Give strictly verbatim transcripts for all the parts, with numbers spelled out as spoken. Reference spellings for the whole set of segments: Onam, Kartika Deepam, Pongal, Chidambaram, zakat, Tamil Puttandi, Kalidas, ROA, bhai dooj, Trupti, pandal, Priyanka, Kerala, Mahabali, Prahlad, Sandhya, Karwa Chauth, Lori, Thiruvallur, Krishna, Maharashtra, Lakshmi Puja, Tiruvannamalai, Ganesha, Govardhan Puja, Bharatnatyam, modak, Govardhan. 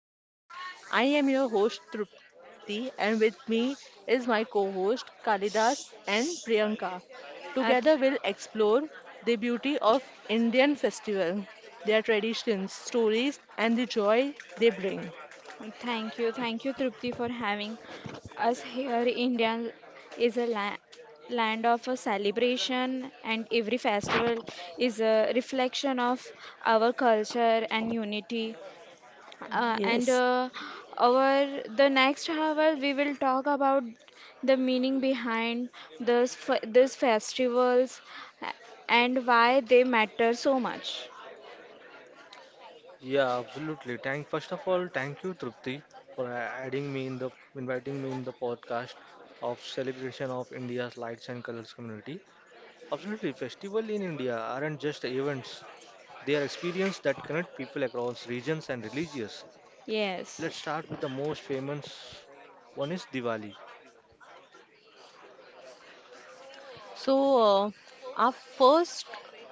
to our podcast. I am your host Trupti and with me is my co-host Kalidas and Priyanka. Uh, th- Together we'll explore the beauty of Indian festival, their traditions, stories and the joy they bring. thank you, thank you, Trupti, for having us here. India is a la- land of a celebration, and every festival is a reflection of our culture and unity. Uh, and uh, Yes. our the next hour, we will talk about the meaning behind this f- these festivals uh, and why they matter so much. Yeah, absolutely. Thank first of all, thank you, Trupti, for a- adding me in the inviting me in the podcast of celebration of India's lights and colors community. Absolutely, festival in India aren't just events; they are experiences that connect people across regions and religions. Yes. Let's start with the most famous one is Diwali. So, uh, our first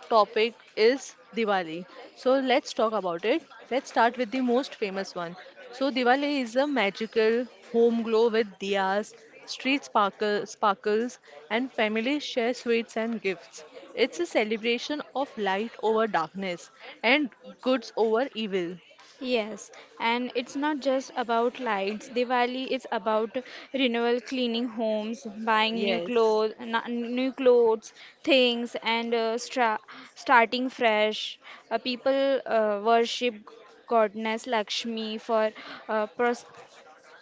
topic is Diwali. So, let's talk about it. Let's start with the most famous one. So, Diwali is a magical home glow with diyas, street sparkle, sparkles, and families share sweets and gifts. It's a celebration of light over darkness and goods over evil. Yes, and it's not just about lights. Diwali is about renewal, cleaning homes, buying new Yes. clothes, new clothes, things, and uh, stra starting fresh. Uh, people uh, worship goddess Lakshmi for uh,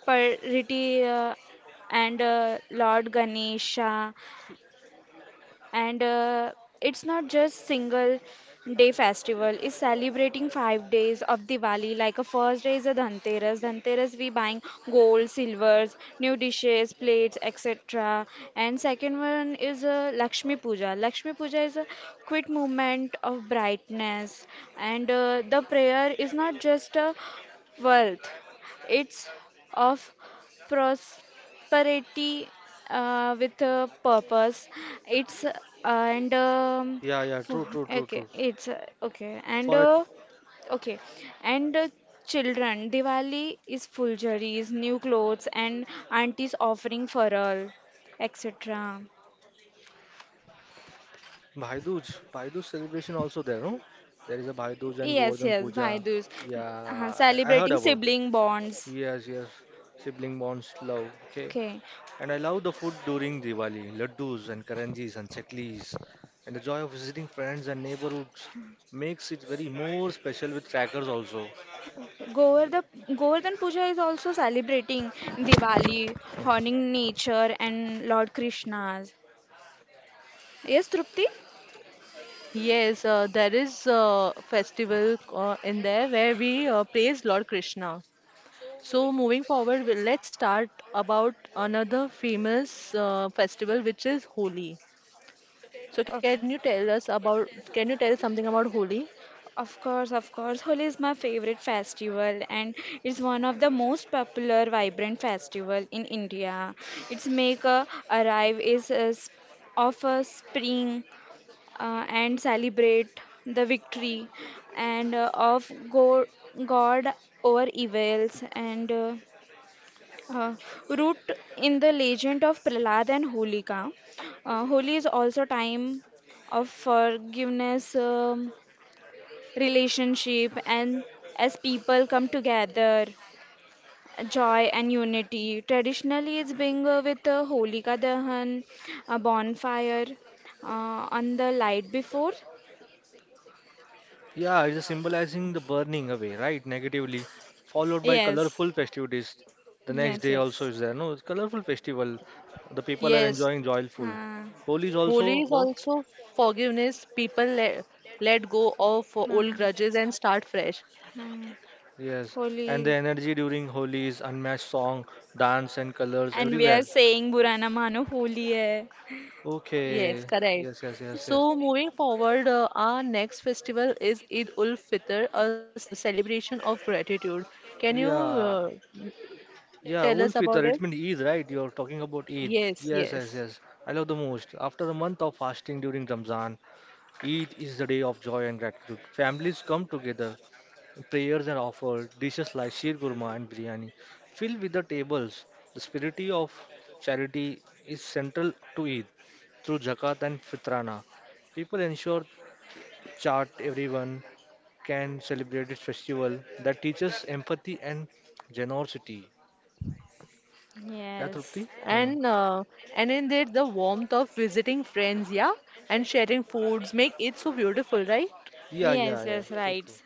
prosperity uh, and uh, Lord Ganesha, and uh, it's not just single day festival, it's celebrating five days of Diwali. Like, a first day is a dhanteras dhanteras We buying gold, silvers, new dishes, plates, etc. And second one is a Lakshmi Puja. Lakshmi Puja is a quick movement of brightness. And uh, the prayer is not just a wealth, it's of prosperity, parity, uh, with a purpose. it's uh, and um, Yeah, yeah, true, fo- true, true, okay. true. It's uh, okay, and For a uh, okay, and uh, children, Diwali is fuljaris, new clothes, and aunties offering fural, etc. Bhai Dooj, Bhai Dooj celebration also there, no? There is a Bhai Dooj and Yes, Govardhan yes, Bhai Puja. Dooj, Yeah, uh, I, I heard celebrating about it. sibling bonds. Yes, yes. Sibling bonds, love. Okay. Okay. And I love the food during Diwali, laddus and karanjis and chaklis. And the joy of visiting friends and neighborhoods makes it very more special with crackers also. Govardhan, Govardhan Puja is also celebrating Diwali, honoring nature and Lord Krishna's. Yes, Trupti? Yes, uh, there is a festival uh, in there where we uh, praise Lord Krishna. So moving forward, we- let's start about another famous uh, festival, which is Holi. So can Of, you tell us about, can you tell something about Holi? of course, of course. Holi is my favorite festival, and it's one of the most popular vibrant festival in India. Its make a arrive is a, s- of a spring, uh, and celebrate the victory, and uh, of go, God over evils, and uh, uh, root in the legend of Prahlad and Holika. Uh, Holi is also time of forgiveness, um relationship, and as people come together, joy and unity. Traditionally, it's being uh, with a Holika Dahan, a bonfire, uh, on the light before. Yeah, it's symbolizing the burning away, right? Negatively, followed by Yes, colorful festivities. The next yes, day also yes. is there. No, it's colorful festival. The people are Yes, enjoying joyful. Huh, Holi is also Holi is about. also forgiveness. People let, let go of old हाँ grudges and start fresh. हाँ Yes, Holi, and the energy during Holi is unmatched song, dance, and colors and we are everywhere. saying Burana Mano Holi hai. Yes, Okay, correct. yes, yes, yes, yes. So, moving forward, uh, our next festival is Eid ul Fitr, a, s- a celebration of gratitude. Can you Yeah, uh, yeah, tell Ul us Fitr, about it it? means Eid, right? You're talking about Eid. Yes, Yes, yes, yes. yes. I love the most. After a month of fasting during Ramzan, Eid is the day of joy and gratitude. Families come together. Prayers are offered, dishes like sheer kurma and biryani fill with the tables. The spirit of charity is central to Eid. Through zakat and fitrana, people ensure chart everyone can celebrate this festival that teaches empathy and generosity. Yeah, Trupti? Yes, Hmm. And uh, and in it, the warmth of visiting friends, yeah, and sharing foods make it so beautiful, right? Yeah, yeah, yes, yeah. yes, True, right. true.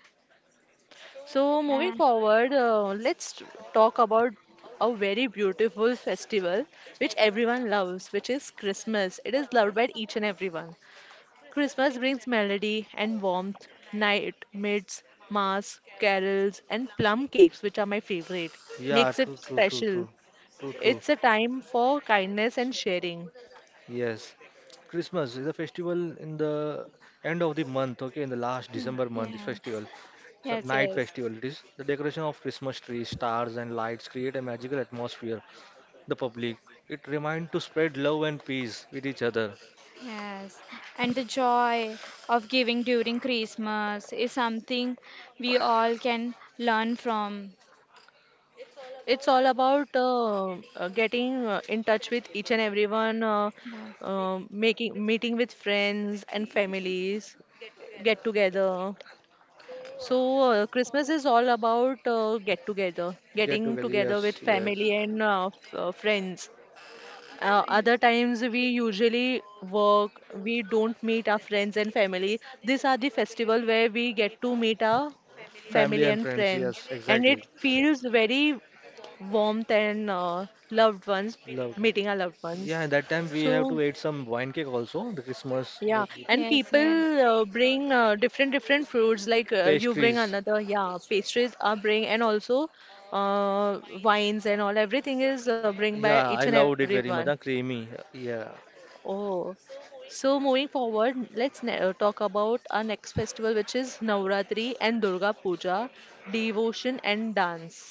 So moving Uh, forward, uh, let's talk about a very beautiful festival which everyone loves, which is Christmas. It is loved by each and everyone. Christmas brings melody and warmth, night, mids, mass, carols, and plum cakes, which are my favorite. Yeah, Makes it true, true, true, special. true, true, true. It's a time for kindness and sharing. Yes, Christmas is a festival in the end of the month. Okay, in the last December month, this yes, festival, so yes, night yes. festival. It is the decoration of Christmas trees, stars, and lights create a magical atmosphere. The public. It reminds to spread love and peace with each other. Yes, and the joy of giving during Christmas is something we all can learn from. It's all about uh, uh, getting uh, in touch with each and everyone, uh, Yes, uh, making meeting with friends and families, get together. So uh, Christmas is all about uh, get together, Get getting together. together with Yes, yes. family and uh, f- uh, friends. Uh, other times we usually work, we don't meet our friends and family. These are the festival where we get to meet our Family family and and friends, friends, yes, and it exactly. feels very warmth and uh, loved ones Loved one. meeting our loved ones. Yeah, that time we have So to eat some wine cake also, the Christmas the yeah, and yes, yes. people uh, bring uh, different different fruits like uh, you bring pastries. another, yeah, pastries are bring and also uh, wines and all everything is uh, bring by Yeah, each and I loved it everyone. very much. Huh, creamy. Yeah. Oh, so moving forward, let's ne- uh, talk about our next festival, which is Navratri and Durga Puja, devotion and dance.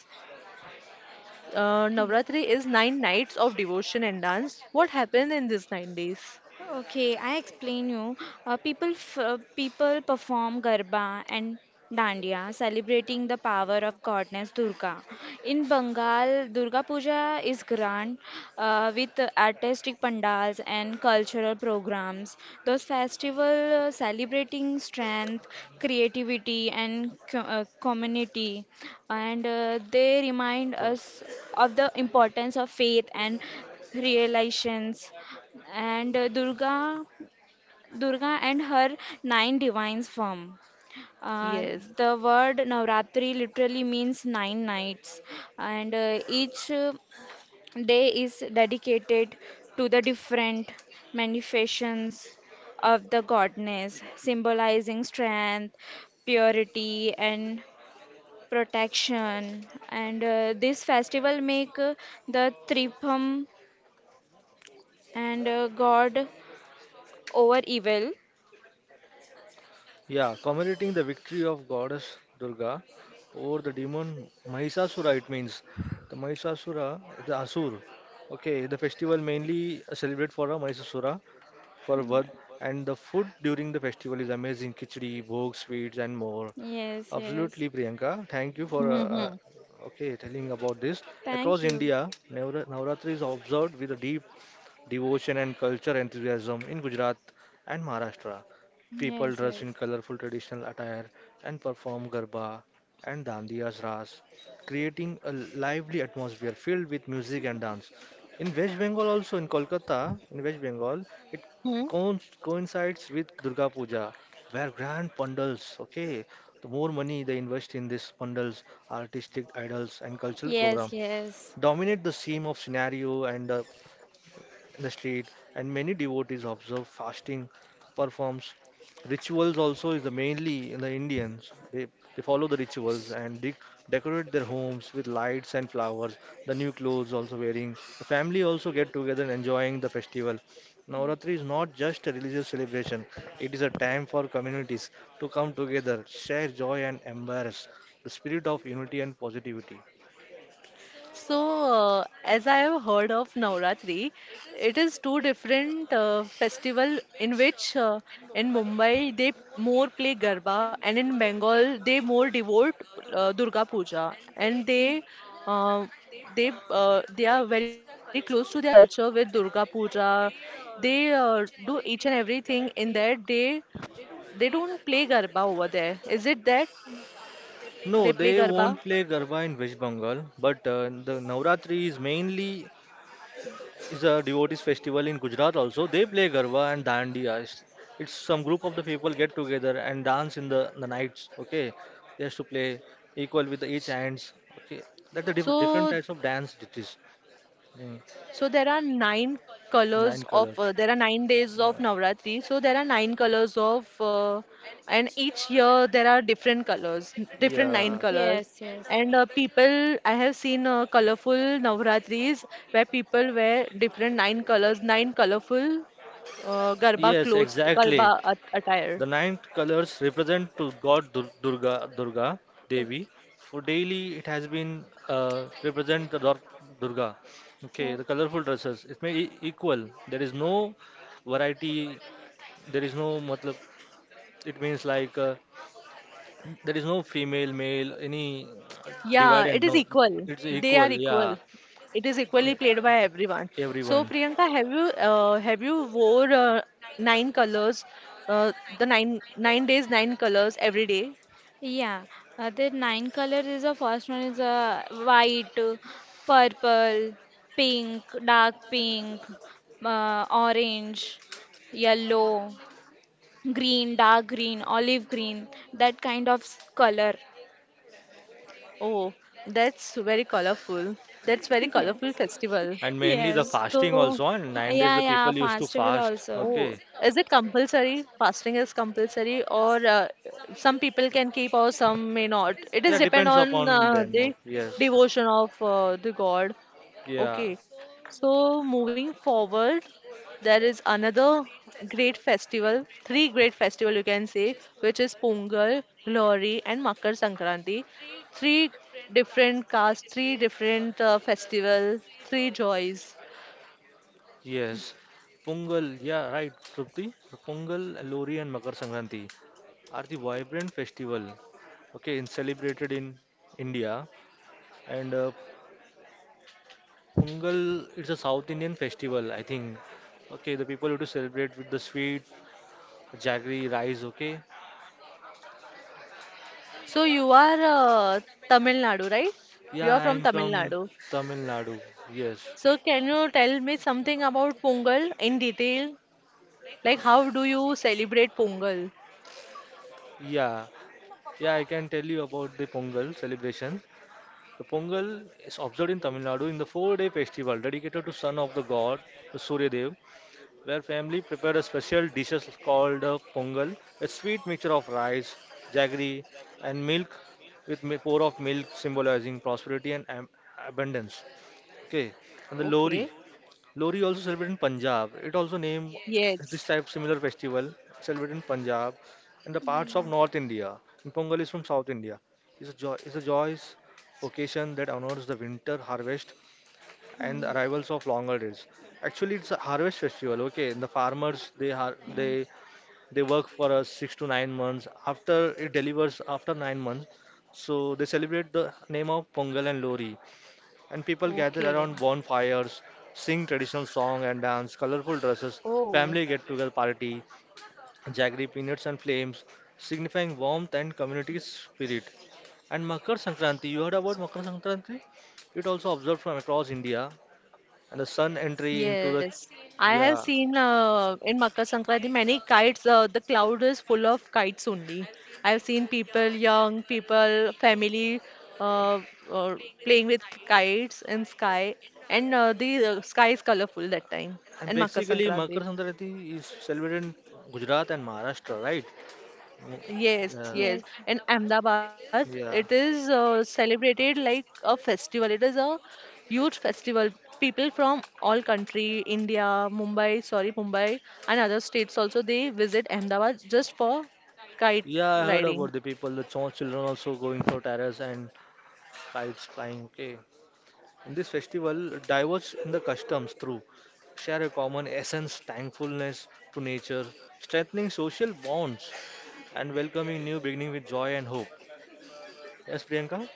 Uh, Navratri is nine nights of devotion and dance. What happened in these nine days? Okay, I explain you. Uh, people f uh, people perform garba and dandiya, celebrating the power of goddess Durga. In Bengal, Durga Puja is grand, uh, with artistic pandals and cultural programs. Those festivals celebrating strength, creativity, and co uh, community, and uh, they remind Thoda. us of the importance of faith and realizations, and uh, Durga, Durga and her nine divines form. Uh, Yes. the word Navratri literally means nine nights, and uh, each uh, day is dedicated to the different manifestations of the goddess, symbolizing strength, purity, and protection. And uh, this festival make uh, the Tripam and uh, God over evil. Yeah, commemorating the victory of goddess Durga over the demon Mahisasura, it means. The Mahisasura, the Asur. Okay, the festival mainly celebrate for a Mahisasura, for Yeah. Vad, and the food during the festival is amazing. Khichdi, bhog, sweets, and more. Yes, yes. Absolutely, Priyanka. Thank you for uh, uh, Mm-hmm. okay telling about this. Across Thank you. India, Navra Navratri is observed with a deep devotion and culture enthusiasm in Gujarat and Maharashtra. People Yes, dress in yes. colorful traditional attire and perform garba and dandiya's ras, creating a lively atmosphere filled with music and dance. In West Bengal, also in Kolkata, in West Bengal, it coin- coincides with Durga Puja, where grand pandals, okay, the more money they invest in these pandals, artistic idols, and cultural Yes, program yes. dominate the theme of scenario and uh, in the street, and many devotees observe fasting, performs rituals. Also, is the mainly in the Indians they they follow the rituals and they decorate their homes with lights and flowers. The new clothes also wearing. The family also get together and enjoying the festival. Navratri is not just a religious celebration; it is a time for communities to come together, share joy, and embrace the spirit of unity and positivity. So, uh, as I have heard of Navratri, it is two different uh, festival in which uh, in Mumbai they more play Garba and in Bengal they more devote uh, Durga Puja and they uh, they uh, they are very close to their culture with Durga Puja. They uh, do each and everything in that they they don't play Garba over there. Is it that No, they play they Garba? won't play Garba in West Bengal, but uh, the Navratri is mainly is a devotees festival in Gujarat also. They play Garba and Dandiya. It's, it's some group of the people get together and dance in the, the nights. Okay, they have to play equal with the each hands. Okay, that the diff different So types of dance it is. Mm, So there are nine nine colors colors. of uh, there are nine days of Yeah. Navratri. So there are nine colors of uh, and each year there are different colors, n- different nine Yeah. colors. Yes, yes. And uh, people, I have seen uh, colorful Navratris where people wear different nine colors, nine colorful uh, Garba Yes, clothes, exactly. Garba at attire. The nine colors represent to God Dur- Durga, Durga Okay. Devi. For daily, it has been uh, represent the Dor- Durga. Okay, Yeah. the colorful dresses. It may e- equal. There is no variety. There is no matlab. It means like uh, there is no female, male, any Yeah, divide it and is no. equal. It's They equal. are Yeah, equal. It is equally e- played by everyone. So everyone. Priyanka, have you uh, have you wore uh, nine colors, uh, the nine nine days, nine colors every day? Yeah. Uh, the nine colors is the first one is uh, white, purple, pink, dark pink, uh, orange, yellow, green, dark green, olive green, that kind of s- color. Oh, that's very colorful. That's very Yeah. colorful festival. And mainly the Yes. fasting So, also, and nine days Yeah, the yeah, people used to festival fast. also. oh, Okay. is it compulsory? Fasting is compulsory, or uh, some people can keep, or some may not. It Yeah, is depend depends on upon uh, them. o- the Yes. devotion of uh, the God. Yeah. Okay, so moving forward, there is another great festival, three great festival you can say, which is Pongal, Lohri, and Makar Sankranti. Three different castes, three different uh, festivals, three joys. Yes. Pongal. Yeah, right, Trupti. Pongal, Lori, and Makar Sankranti are the vibrant festival, okay, in celebrated in India, and uh, pungal it's a south Indian festival, I think. Okay, the people who to celebrate with the sweet jaggery rice. Okay, So you are uh, Tamil Nadu, right? You yeah, are I from am Tamil from Nadu. Tamil Nadu. Yes. So can you tell me something about Pongal in detail? Like how do you celebrate Pongal? Yeah, yeah, I can tell you about the Pongal celebration. The Pongal is observed in Tamil Nadu in the four day festival dedicated to son of the god, the Surya Dev, where family prepared a special dishes called uh, pongal, a sweet mixture of rice, jaggery, and milk, with mi- pour of milk symbolizing prosperity and am- abundance. Okay, and the Okay. Lori. Lori also celebrated in Punjab. It also named this Yes. type similar festival celebrated in Punjab and the parts of Hmm. North India. And Pongal is from South India. It's a joy. It's a joyous occasion that honors the winter harvest and the arrivals of longer days. Actually, it's a harvest festival. Okay, the farmers they har- Mm. they they work for us six to nine months. After it delivers after nine months, so they celebrate the name of Pongal and Lori, and people gather Okay. around bonfires, sing traditional song and dance, colorful dresses, Oh. family get-together party, jaggery peanuts and flames, signifying warmth and community spirit. And Makar Sankranti, you heard about Makar Sankranti? It also observed from across India and the sun entry Yes, into the. I have seen Yeah. uh, in Makar Sankranti many kites. Uh, the cloud is full of kites only. I have seen people, young people, family, uh, uh, playing with kites in sky, and uh, the uh, sky is colorful that time And in Makar basically, Makar Sankranti. Sankranti is celebrated in Gujarat and Maharashtra, right? Mm, Yes, yes. Yes, In Ahmedabad, it yeah, yeah, is uh, celebrated like a festival. It is a huge festival. People from all country, India, Mumbai, sorry, Mumbai, and other states also, they visit Ahmedabad just for kite yeah. I heard about riding. the people, the small children also going for terrace and kites flying. Okay, in this festival, diverge in the customs through share a common essence, thankfulness to nature, strengthening social bonds, and welcoming new beginning with joy and hope. Yes, Priyanka?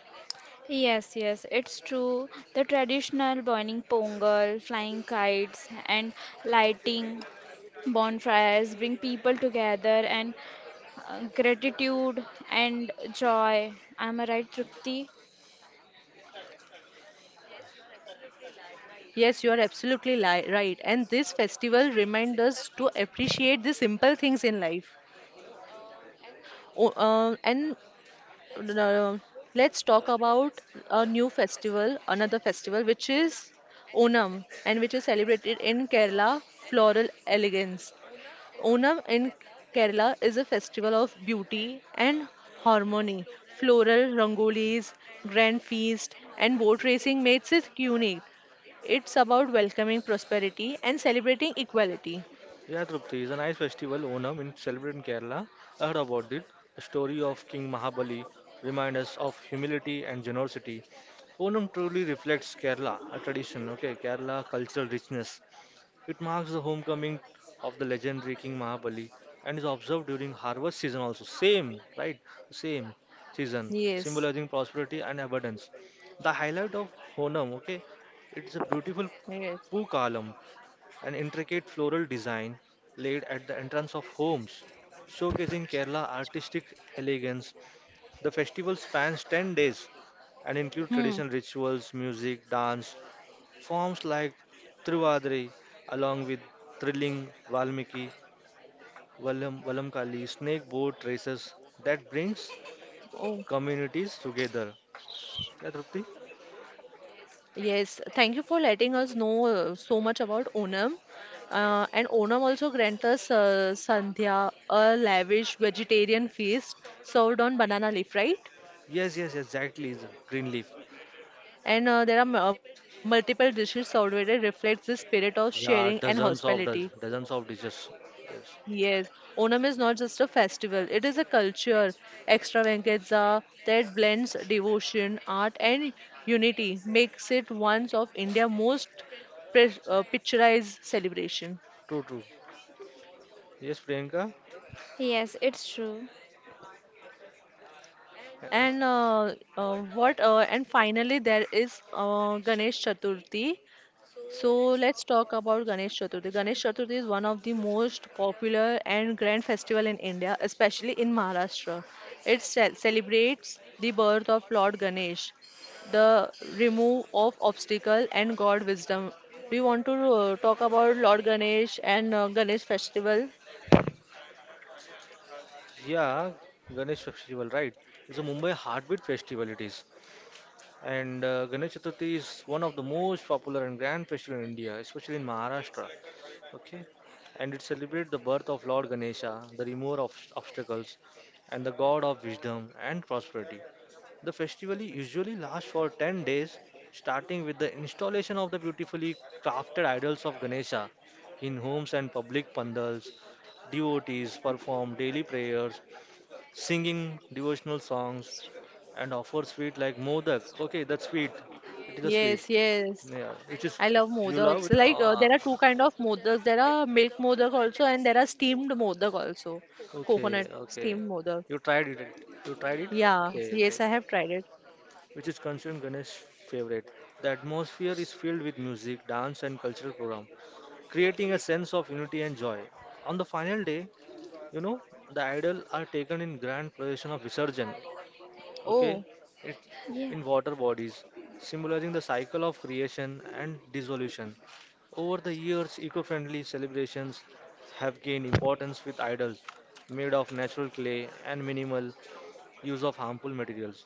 yes, yes, it's true. The traditional burning pongal, flying kites, and lighting bonfires bring people together and uh, gratitude and joy. Am I right, Trupti? Yes, you are absolutely li right. And this festival reminds us to appreciate the simple things in life. Oh, uh, and Um, let's talk about a new festival, another festival, which is Onam, and which is celebrated in Kerala, floral elegance. Onam in Kerala is a festival of beauty and harmony. Floral rangolis, grand feast, and boat racing makes it unique. It's about welcoming prosperity and celebrating equality. Yeah, Trupti is a nice festival, Onam, in celebrated in Kerala. I heard about it. The story of King Mahabali reminds us of humility and generosity. Onam truly reflects Kerala, a tradition, okay, Kerala cultural richness. It marks the homecoming of the legendary King Mahabali and is observed during harvest season also. Same, right? Same season, Yes, symbolizing prosperity and abundance. The highlight of Honam, okay, it's a beautiful yes. poo column, an intricate floral design laid at the entrance of homes, showcasing Kerala artistic elegance. The festival spans ten days and include Hmm. traditional rituals, music, dance, forms like Trivadri, along with thrilling Valmiki, Valam, Valamkali, snake boat races that brings Oh. communities together. Yeah, Trupti? Yes, thank you for letting us know uh, so much about Onam. Uh, and Onam also grants us uh, Sandhya, a lavish vegetarian feast served on banana leaf, right? Yes, yes, exactly, greenleaf. And uh, there are m- uh, multiple dishes served where it reflects the spirit of sharing and Yeah, dozens hospitality. of doz dozens of dishes. Yes. Yes, Onam is not just a festival, it is a culture, extravaganza that blends devotion, art, and unity, makes it one of India's most pres- uh, picturized celebration. True, true. Yes, Priyanka. Yes, it's true. And uh, uh, what uh, and finally there is uh, Ganesh Chaturthi. So let's talk about Ganesh Chaturthi. Ganesh Chaturthi is one of the most popular and grand festival in India, especially in Maharashtra. It ce- celebrates the birth of Lord Ganesh, the remove of obstacle and God wisdom. Do you want to uh, talk about Lord Ganesh and uh, Ganesh festival? Yeah, Ganesh festival, right? It's a Mumbai heartbeat festival. It is, and uh, Ganesh Chaturthi is one of the most popular and grand festival in India, especially in Maharashtra. Okay, and it celebrates the birth of Lord Ganesha, the remover of obstacles, and the god of wisdom and prosperity. The festival usually lasts for ten days, starting with the installation of the beautifully crafted idols of Ganesha in homes and public pandals. Devotees perform daily prayers, singing devotional songs, and offer sweet like modak. Okay, that's sweet. It is a sweet. Yes, yes. Yeah, which is. I love You love modaks. it. Like uh, Ah, there are two kind of modaks. There are milk modak also and there are steamed modak also. okay, Coconut okay. steamed modak. You tried it. You tried it. Yeah, Okay, okay. yes, I have tried it. Which is considered Ganesh's favorite. The atmosphere is filled with music, dance, and cultural program, creating a sense of unity and joy. On the final day, you know, the idol are taken in grand procession of Visarjan, okay, Oh, it, Yeah, in water bodies symbolizing the cycle of creation and dissolution. Over the years eco-friendly celebrations have gained importance with idols made of natural clay and minimal use of harmful materials.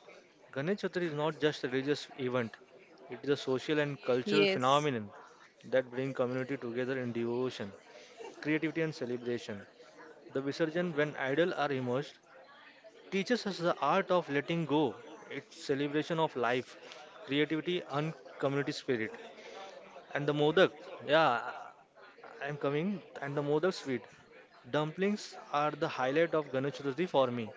Ganesh Chaturthi is not just a religious event, it is a social and cultural yes. phenomenon that brings community together in devotion, creativity and celebration. The Visarjan, when idols are immersed, teaches us the art of letting go, its celebration of life, creativity, and community spirit. And the modak, yeah, I'm coming. And the modak sweet dumplings are the highlight of Ganesh Chaturthi for me.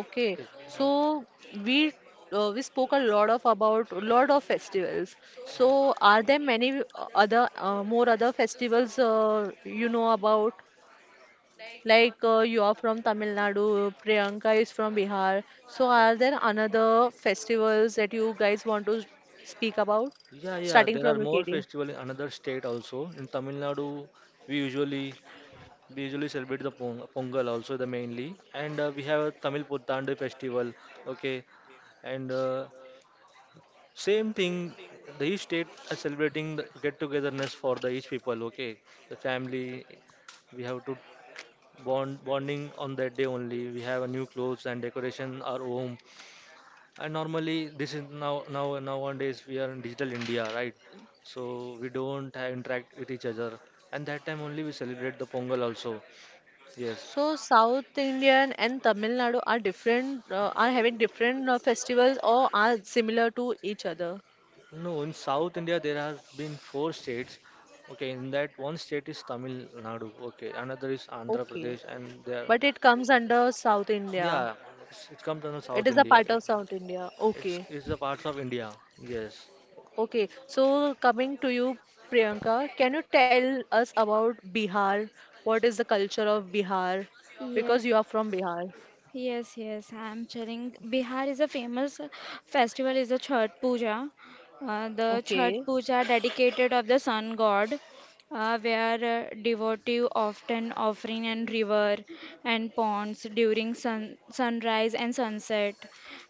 Okay. Okay. No. So we uh, we spoke a lot of about lot of festivals. So are there many other uh, more other festivals uh, you know about? Like uh, you are from Tamil Nadu, Priyanka is from Bihar. So are there another festivals that you guys want to speak about? Yeah, yeah, Starting there are from you, more Katie. festival in another state also. In Tamil Nadu, we usually we usually celebrate the Pong Pongal also the mainly, and uh, we have a Tamil Puttandi festival. Okay, and uh, same thing, the each state are celebrating the get-togetherness for the each people. Okay, the family, we have to bond bonding on that day only. We have a new clothes and decoration our home. And normally, this is now now nowadays we are in digital India, right? So we don't have interact with each other. And that time only we celebrate the Pongal also. Yes. So South Indian and Tamil Nadu are different, uh, are having different uh, festivals or are similar to each other. No, in South India there has been four states. Okay, in that one state is Tamil Nadu. Okay, another is Andhra Okay. Pradesh, and there, But it comes under South India. yeah, it's, it comes under It South is a India. part of South India. It's Okay. it's the parts of India. Yes, Okay. So coming to you, Priyanka, can you tell us about Bihar? What is the culture of Bihar? Because you are yeah. from Bihar. Yes, yes, I'm telling. Bihar is a famous festival is the Chhath Puja. Uh, the Chhath Okay. Puja dedicated of the sun god, uh, where uh, devotee often offering and river and ponds during sun sunrise and sunset.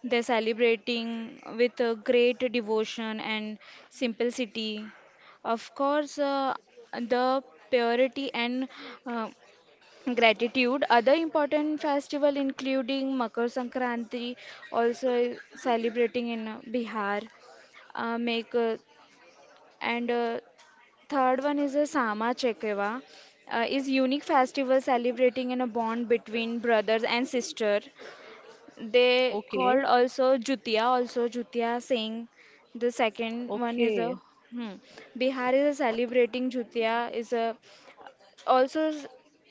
They celebrating with a great devotion and simplicity. Of course, uh, the purity and uh, gratitude. Other important festival including Makar Sankranti, also is celebrating in uh, Bihar. Uh, make uh, and uh, third one is a Sama Chekeva, uh, is unique festival celebrating in a bond between brothers and sister. They called Okay. also Jutia, also Jutia Singh. The second one is a Okay. hmm, Bihar is a celebrating Jutia is a also s-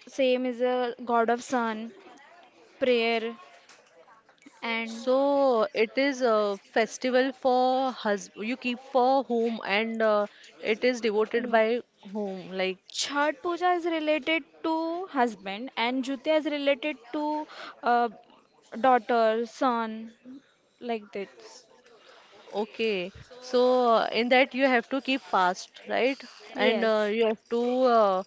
same is a god of sun prayer and So it is a festival for hus you keep for whom and uh, it is devoted no. by whom, like, Chhat Puja is related to husband and Jutya is related to uh, daughter, son, like this. okay, so uh, in that you have to keep fast, right, and uh, Yes, you have to uh,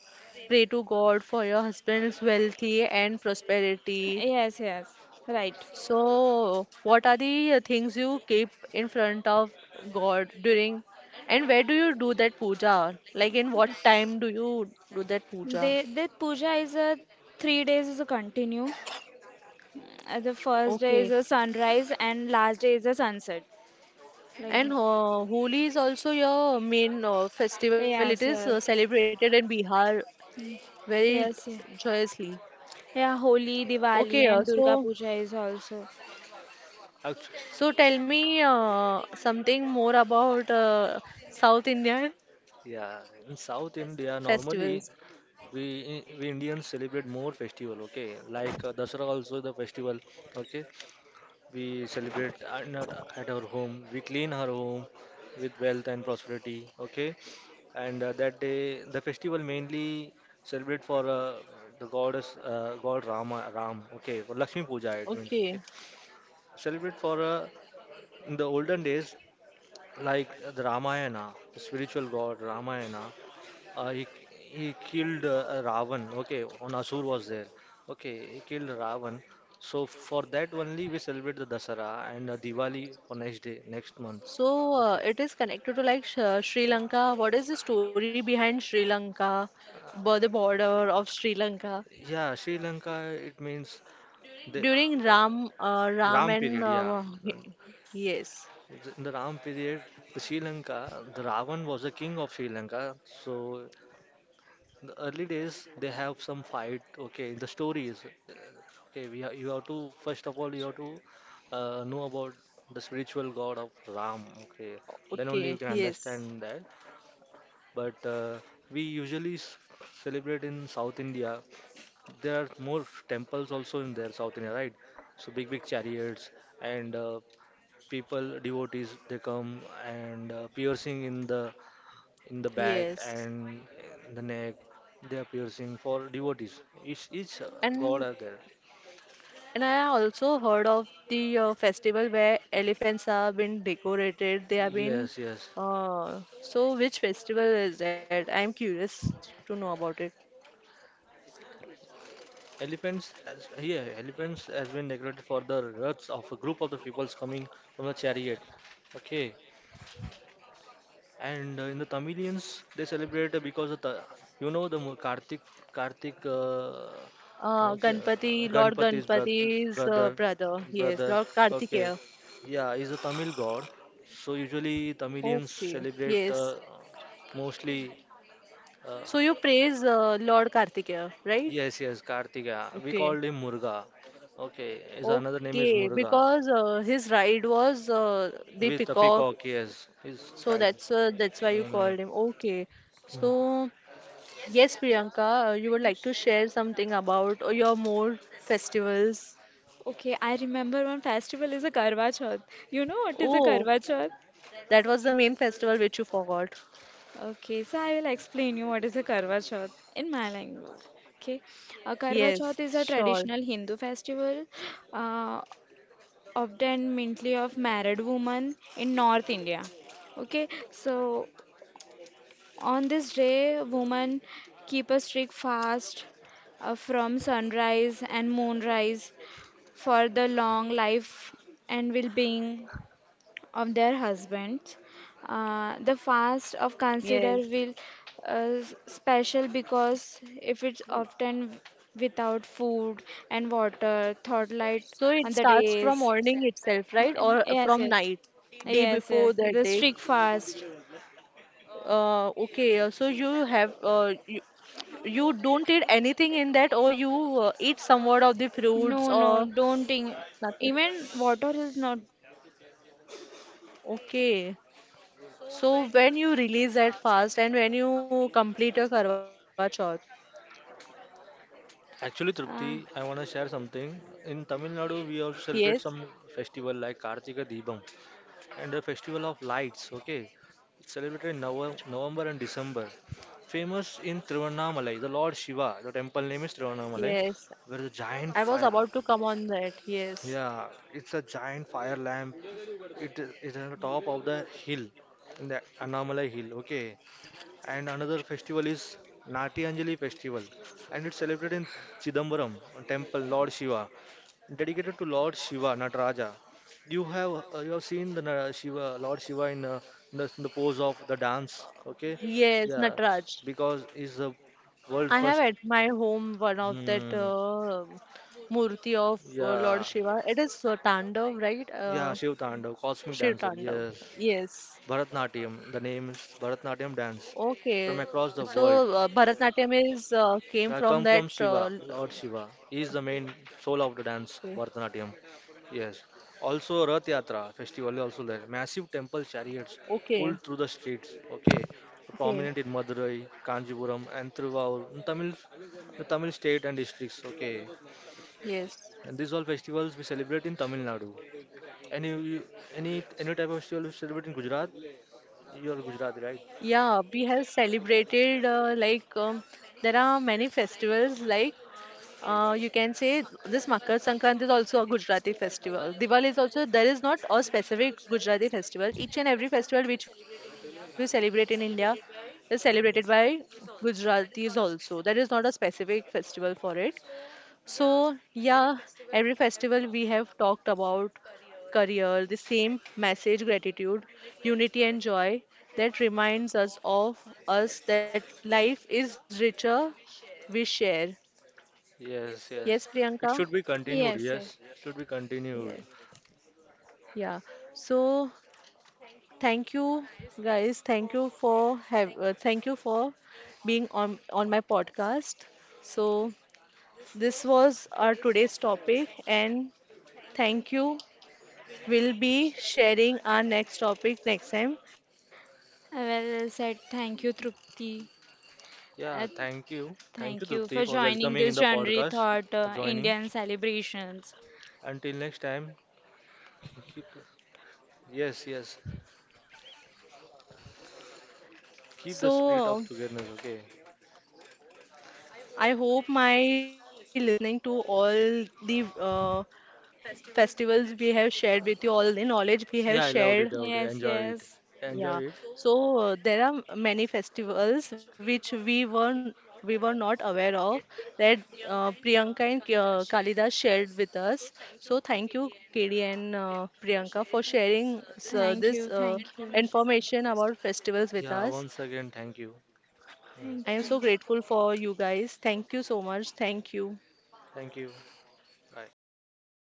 pray to God for your husband's wealthy and prosperity. yes, yes, right. So what are the uh, things you keep in front of God during and where do you do that puja, like in what time do you do that puja? They, the puja is a three days is a continue. Uh, The first day is Okay. a sunrise and last day is a sunset, like And that. uh, Holi is also your main uh, festival. It Yes, is uh, yes, celebrated in Bihar very yes, yeah. joyously. Yeah, Holi, Diwali, Okay, uh, and Durga so Puja is also. actually, so tell me uh, something more about uh, South Indian yeah. In South India, normally festivals. we we Indians celebrate more festival. Okay, like uh, Dasara also the festival. Okay, we celebrate uh, not at our home. We clean our home with wealth and prosperity. Okay, and uh, that day the festival mainly celebrate for uh, the goddess uh, God Rama Ram. Okay, for Lakshmi Puja it means. Okay, Okay, celebrate for uh, in the olden days like the Ramayana, the spiritual god Ramayana, uh, he he killed uh, Ravan. Okay, on Asur was there. Okay, he killed Ravan. So for that only we celebrate the Dasara and uh, Diwali for next day, next month. so uh, Okay. it is connected to like Sh Sri Uh, Lanka. What is the story behind Sri Lanka, bo- the border of Sri Lanka? yeah, Sri Lanka. It means the During uh, Ram uh, Ram Ram and period. Yeah, uh, and yes, th- in the Ram period, the Sri Lanka, the Ravan was the king of Sri Lanka. So in the early days, they have some fight. Okay, in the stories. uh, Okay, we have, you have to first of all you have to uh, know about the spiritual god of Ram. Okay, then only you can okay, yes. understand that. But uh, we usually s- celebrate in South India. There are more temples also in there, South India, right? So big big chariots and uh, people devotees they come and uh, piercing in the in the back Yes. and in the neck. They are piercing for devotees. Each each uh, god And are there. and I also heard of the uh, festival where elephants have been decorated. They have been Yes, yes. uh, so which festival is that? I'm curious to know about it. Elephants as yeah, elephants has been decorated for the ruts of a group of the peoples coming from the chariot. Okay, and uh, in the Tamilians, they celebrate uh, because of the, you know, the mo- Kartik, Kartik, uh, Uh, okay, uh, Ganpati, Lord Ganpati's brother, Ganpati's uh, brother, brother. Yes, brother. Lord Okay, Kartikeya. yeah, he's a Tamil god. So usually Tamilians Okay. celebrate uh, Yes. mostly. Uh, So you praise uh, Lord Kartikeya, right? yes, yes, Kartika. We Okay. called him Muruga. Okay, his another name is Okay, Muruga because uh, his ride was uh, the with a peacock. peacock. Yes, he's So right. that's uh, that's why you Mm. called him. Okay. Mm. So yes, Priyanka, uh, you would like to share something about uh, your more festivals. Okay, I remember one festival is a Karwa Chauth. You know what is a Oh, Karwa Chauth? that was the main festival which you forgot. Okay, so I will explain you what is a Karwa Chauth in my language. Okay, a Karwa Yes, Chauth is a sure. traditional Hindu festival, uh, of the mainly of married women in North India. Okay, so on this day, women keep a strict fast, uh, from sunrise and moonrise for the long life and well-being of their husbands. Uh, the fast of consider Yes. will uh, s- special because if it's often without food and water, thought So light it on the starts from days. morning itself, right? Or Yes, from yes, night, day yes, before yes. that The day. strict fast. Uh, okay. uh, So you have uh, you, you don't eat anything in that, or you uh, eat somewhat of the fruits No, no, or don't think. nothing. Even water is not. Okay. So when you release that fast and when you complete your Karwa Chauth, Actually, Uh, Trupti, I want to share something. In Tamil Nadu, we yes, also celebrate some festival like Kartika Deepam and the festival of lights. Okay, it's celebrated in Nov- November and December. Famous in Tiruvannamalai, the Lord Shiva. The temple name is Tiruvannamalai, yes, where the I giant was fire. about to come on that. Yes, Yeah, it's a giant fire lamp. It is it's on the top of the hill, in the Annamalai hill. Okay, and another festival is Nati Anjali festival, and it's celebrated in Chidambaram temple, Lord Shiva, dedicated to Lord Shiva, Nataraja. You have uh, you have seen the Na- Shiva, Lord Shiva in, uh, in the, in the pose of the dance, okay? yes, Yeah, Nataraj. because he's the world I have first. at my home one of that Hmm. uh, murti of uh, Yeah, Lord Shiva. It is uh, Tandav, right? yeah, Uh, Shiv Tandav, cosmic Shiv dancer. Tandav. Yes, Yes. Bharatnatyam. The name is Bharatnatyam dance Okay. from across So the world. uh, Bharatnatyam is uh, came So I from come from that. Shiva, Uh, l- Lord Shiva. He is the main soul of the dance, okay. Bharatanatyam. Yes. Also, Rath Yatra festival is also there. Massive temple chariots pulled through the Okay. streets. Okay. Prominent in Okay. Madurai, Kanjipuram, and Thiruvallur, in Tamil, the Tamil state and districts. Okay. Yes. And these all festivals we celebrate in Tamil Nadu. Any any any type of festival we celebrate in Gujarat, you're Gujarati, right? Yeah, we have celebrated uh, like um, there are many festivals like uh, you can say this Makar Sankranti is also a Gujarati festival. Diwali is also there is not a specific Gujarati festival. Each and every festival which we celebrate in India is celebrated by Gujaratis also. There is not a specific festival for it. So, yeah, every festival we have talked about career, the same message, gratitude, unity, and joy that reminds us of us that life is richer we share. Yes, yes. Yes, It should Priyanka? be continued. yes, yes. Yes, should be continued. Yes. Yeah. So, thank you guys. Thank you for have uh, thank you for being on on my podcast. So, this was our today's topic and thank you. We'll be sharing our next topic next time. Uh, Well well said. Thank you, Trupti. Uh, Yeah, thank you. Thank you, Thank you Trupti, for for joining welcoming in this the January podcast, Thought, for uh, joining. Indian celebrations. Until next time, keep yes, yes. Keep the spirit of So, togetherness, okay? I hope my listeners are listening to all the uh, festivals we have shared with you, all the knowledge we Yeah, I have loved it, shared. loved it, Yes, enjoyed it. yes. Enjoyed it. Yeah. So, uh, there are many festivals which we were we were not aware of that uh, Priyanka and K- uh, Kalidas shared with us. So, thank you, K D and uh, Priyanka, for sharing s- uh, Thank this you, uh, thank you. information about festivals with Yeah, us. once again, thank you. Yeah. Thank I am you. so grateful for you guys. Thank you so much. Thank you. Thank you. Bye.